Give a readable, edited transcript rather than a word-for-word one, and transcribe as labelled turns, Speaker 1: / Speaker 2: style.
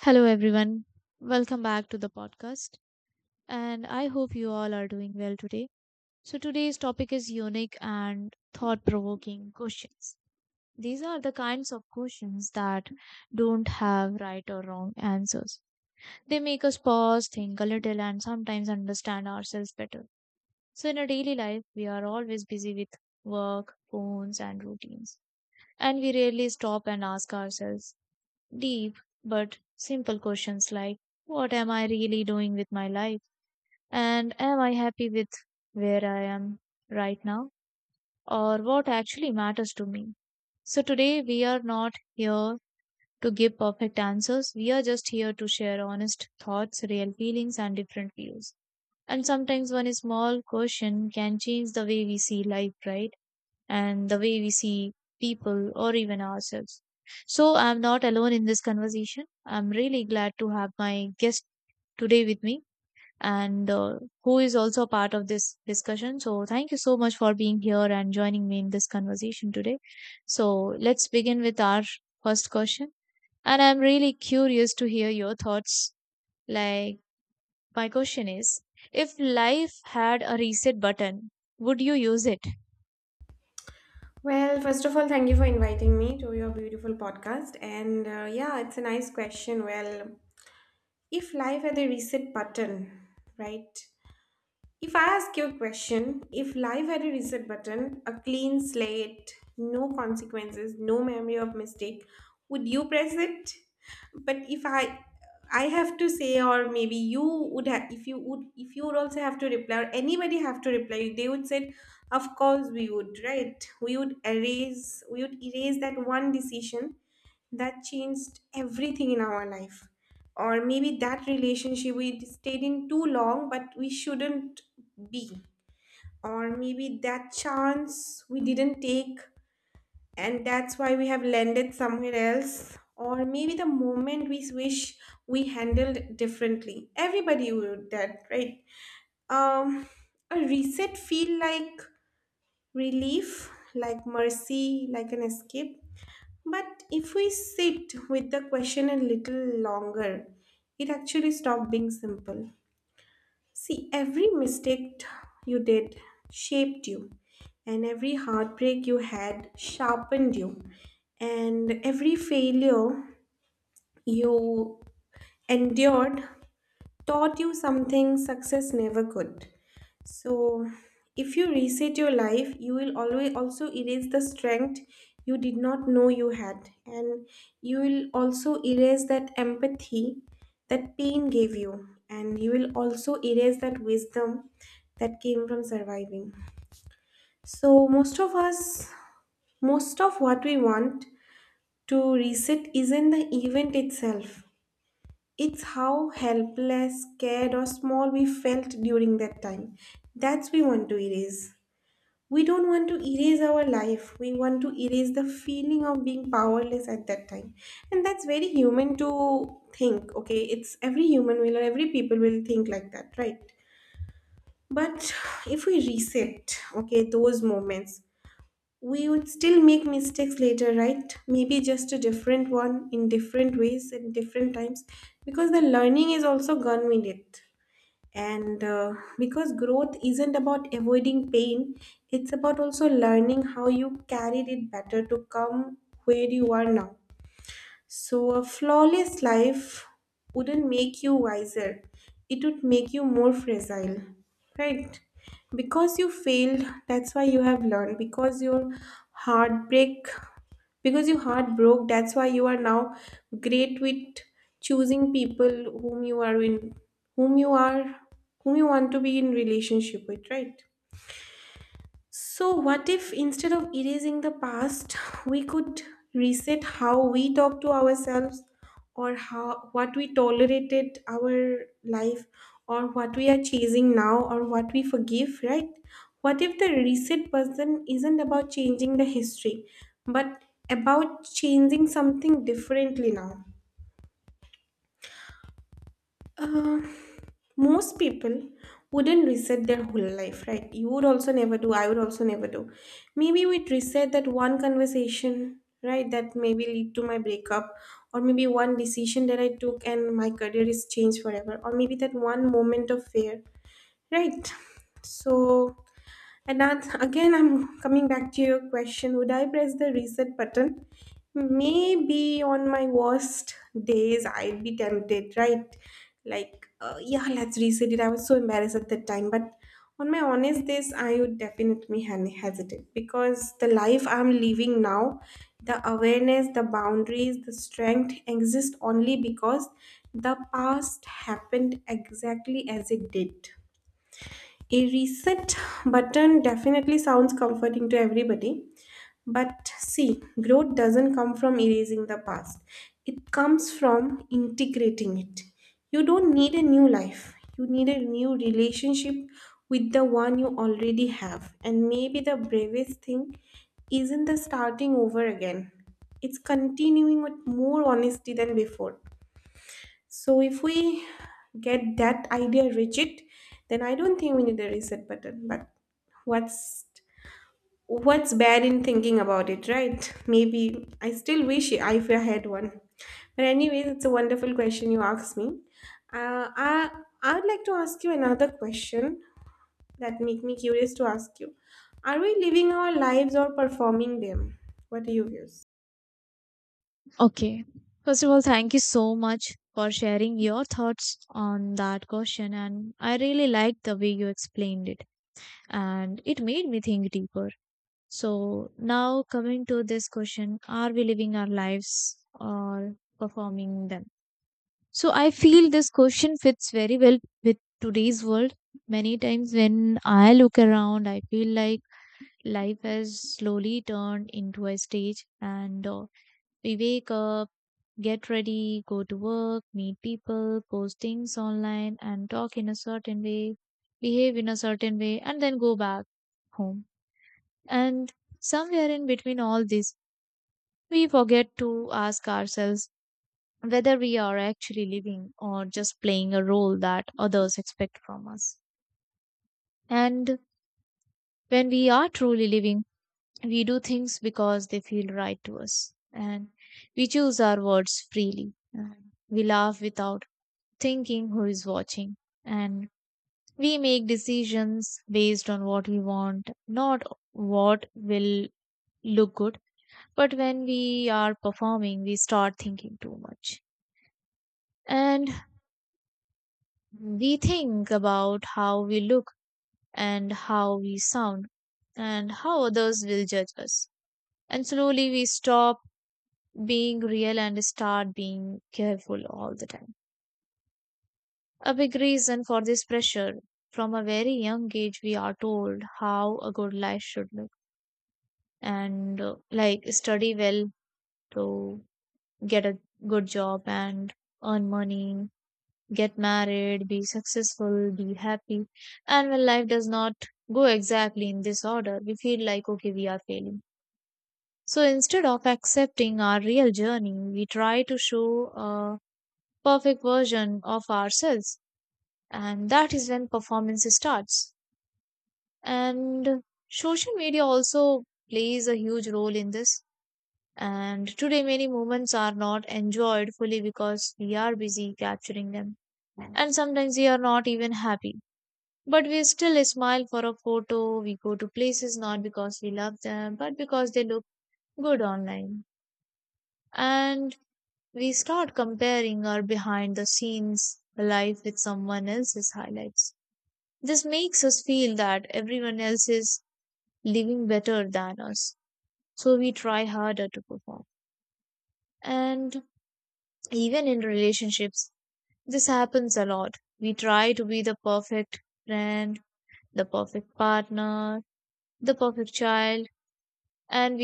Speaker 1: Hello, everyone. Welcome back to the podcast. And I hope you all are doing well today. So, today's topic is unique and thought provoking questions. These are the kinds of questions that don't have right or wrong answers. They make us pause, think a little, and sometimes understand ourselves better. So, in our daily life, we are always busy with work, phones, and routines. And we rarely stop and ask ourselves, deep but simple questions like what am I really doing with my life? And am I happy with where I am right now? Or what actually matters to me? So today we are not here to give perfect answers. We are just here to share honest thoughts, real feelings, and different views. And sometimes one small question can change the way we see life, right? And the way we see people or even ourselves. So I'm not alone in this conversation. I'm really glad to have my guest today with me and who is also a part of this discussion. So thank you so much for being here and joining me in this conversation today. So let's begin with our first question. And I'm really curious to hear your thoughts. Like, my question is if life had a reset button, would you use it?
Speaker 2: Well, first of all, thank you for inviting me to your beautiful podcast. And yeah, it's a nice question. Well, if life had a reset button, right? If I ask you a question, if life had a reset button, a clean slate, no consequences, no memory of mistake, would you press it? But if I have to say, or maybe you would have, if you would also have to reply, or anybody have to reply, they would say, of course we would, right? We would erase that one decision that changed everything in our life, or maybe that relationship we stayed in too long but we shouldn't be, or maybe that chance we didn't take and that's why we have landed somewhere else, or maybe the moment we wish we handled differently, everybody would that, right um a reset feel like relief, like mercy, like an escape. But if we sit with the question a little longer, it actually stopped being simple. See, every mistake you did shaped you, and every heartbreak you had sharpened you, and every failure you endured taught you something success never could. So, if you reset your life, you will always also erase the strength you did not know you had, and you will also erase that empathy that pain gave you, and you will also erase that wisdom that came from surviving. So, most of us, most of what we want to reset isn't the event itself, it's how helpless, scared, or small we felt during that time. That's we want to erase. We don't want to erase our life. We want to erase the feeling of being powerless at that time. And that's very human to think, okay? It's every human will or every people will think like that, right? But if we reset, okay, those moments, we would still make mistakes later, right? Maybe just a different one in different ways and different times, because the learning is also gone with it. And because growth isn't about avoiding pain, it's about also learning how you carried it better to come where you are now. So, a flawless life wouldn't make you wiser, it would make you more fragile, right? Because you failed, that's why you have learned. Because your heartbreak, because your heart broke, that's why you are now great with choosing people whom you are in, whom you are, whom you want to be in relationship with, right? So, what if instead of erasing the past, we could reset how we talk to ourselves, or how what we tolerated our life, or what we are chasing now, or what we forgive, right? What if the reset person isn't about changing the history but about changing something differently now? Uh, Most people wouldn't reset their whole life, right? You would also never do, I would also never do. Maybe we'd reset that one conversation, right, that maybe lead to my breakup, or maybe one decision that I took and my career is changed forever, or maybe that one moment of fear, right? So, and that's again, I'm coming back to your question, would I press the reset button? Maybe on my worst days, I'd be tempted, right? Like, yeah, let's reset it. I was so embarrassed at that time. But on my honest days, I would definitely hesitate, because the life I'm living now, the awareness, the boundaries, the strength exist only because the past happened exactly as it did. A reset button definitely sounds comforting to everybody, but see, growth doesn't come from erasing the past. It comes from integrating it. You don't need a new life. You need a new relationship with the one you already have. And maybe the bravest thing isn't the starting over again. It's continuing with more honesty than before. So if we get that idea rigid, then I don't think we need a reset button. But what's what's bad in thinking about it, right? Maybe I still wish I if I had one. But anyways, it's a wonderful question you asked me. Uh, I I would like to ask you another question that make me curious to ask you. Are we living our lives or performing them? What do you view?
Speaker 1: Okay. First of all, thank you so much for sharing your thoughts on that question. And I really liked the way you explained it, and it made me think deeper. So, now coming to this question, are we living our lives or performing them? So, I feel this question fits very well with today's world. Many times when I look around, I feel like life has slowly turned into a stage and we wake up, get ready, go to work, meet people, post things online, and talk in a certain way, behave in a certain way, and then go back home. And somewhere in between all this, we forget to ask ourselves whether we are actually living or just playing a role that others expect from us. And when we are truly living, we do things because they feel right to us, and we choose our words freely. And we laugh without thinking who is watching. And we make decisions based on what we want, not what will look good. But when we are performing, we start thinking too much. And we think about how we look and how we sound and how others will judge us. And slowly we stop being real and start being careful all the time. A big reason for this pressure. From a very young age, we are told how a good life should look, and like study well, to get a good job and earn money, get married, be successful, be happy. And when life does not go exactly in this order, we feel like, okay, we are failing. So instead of accepting our real journey, we try to show a perfect version of ourselves. And that is when performance starts. And social media also plays a huge role in this. And today, many moments are not enjoyed fully because we are busy capturing them. And sometimes we are not even happy. But we still smile for a photo. We go to places not because we love them, but because they look good online. And we start comparing our behind the scenes life with someone else's highlights. This makes us feel that everyone else is living better than us, so we try harder to perform. And even in relationships, this happens a lot. We try to be the perfect friend, the perfect partner, the perfect child, and we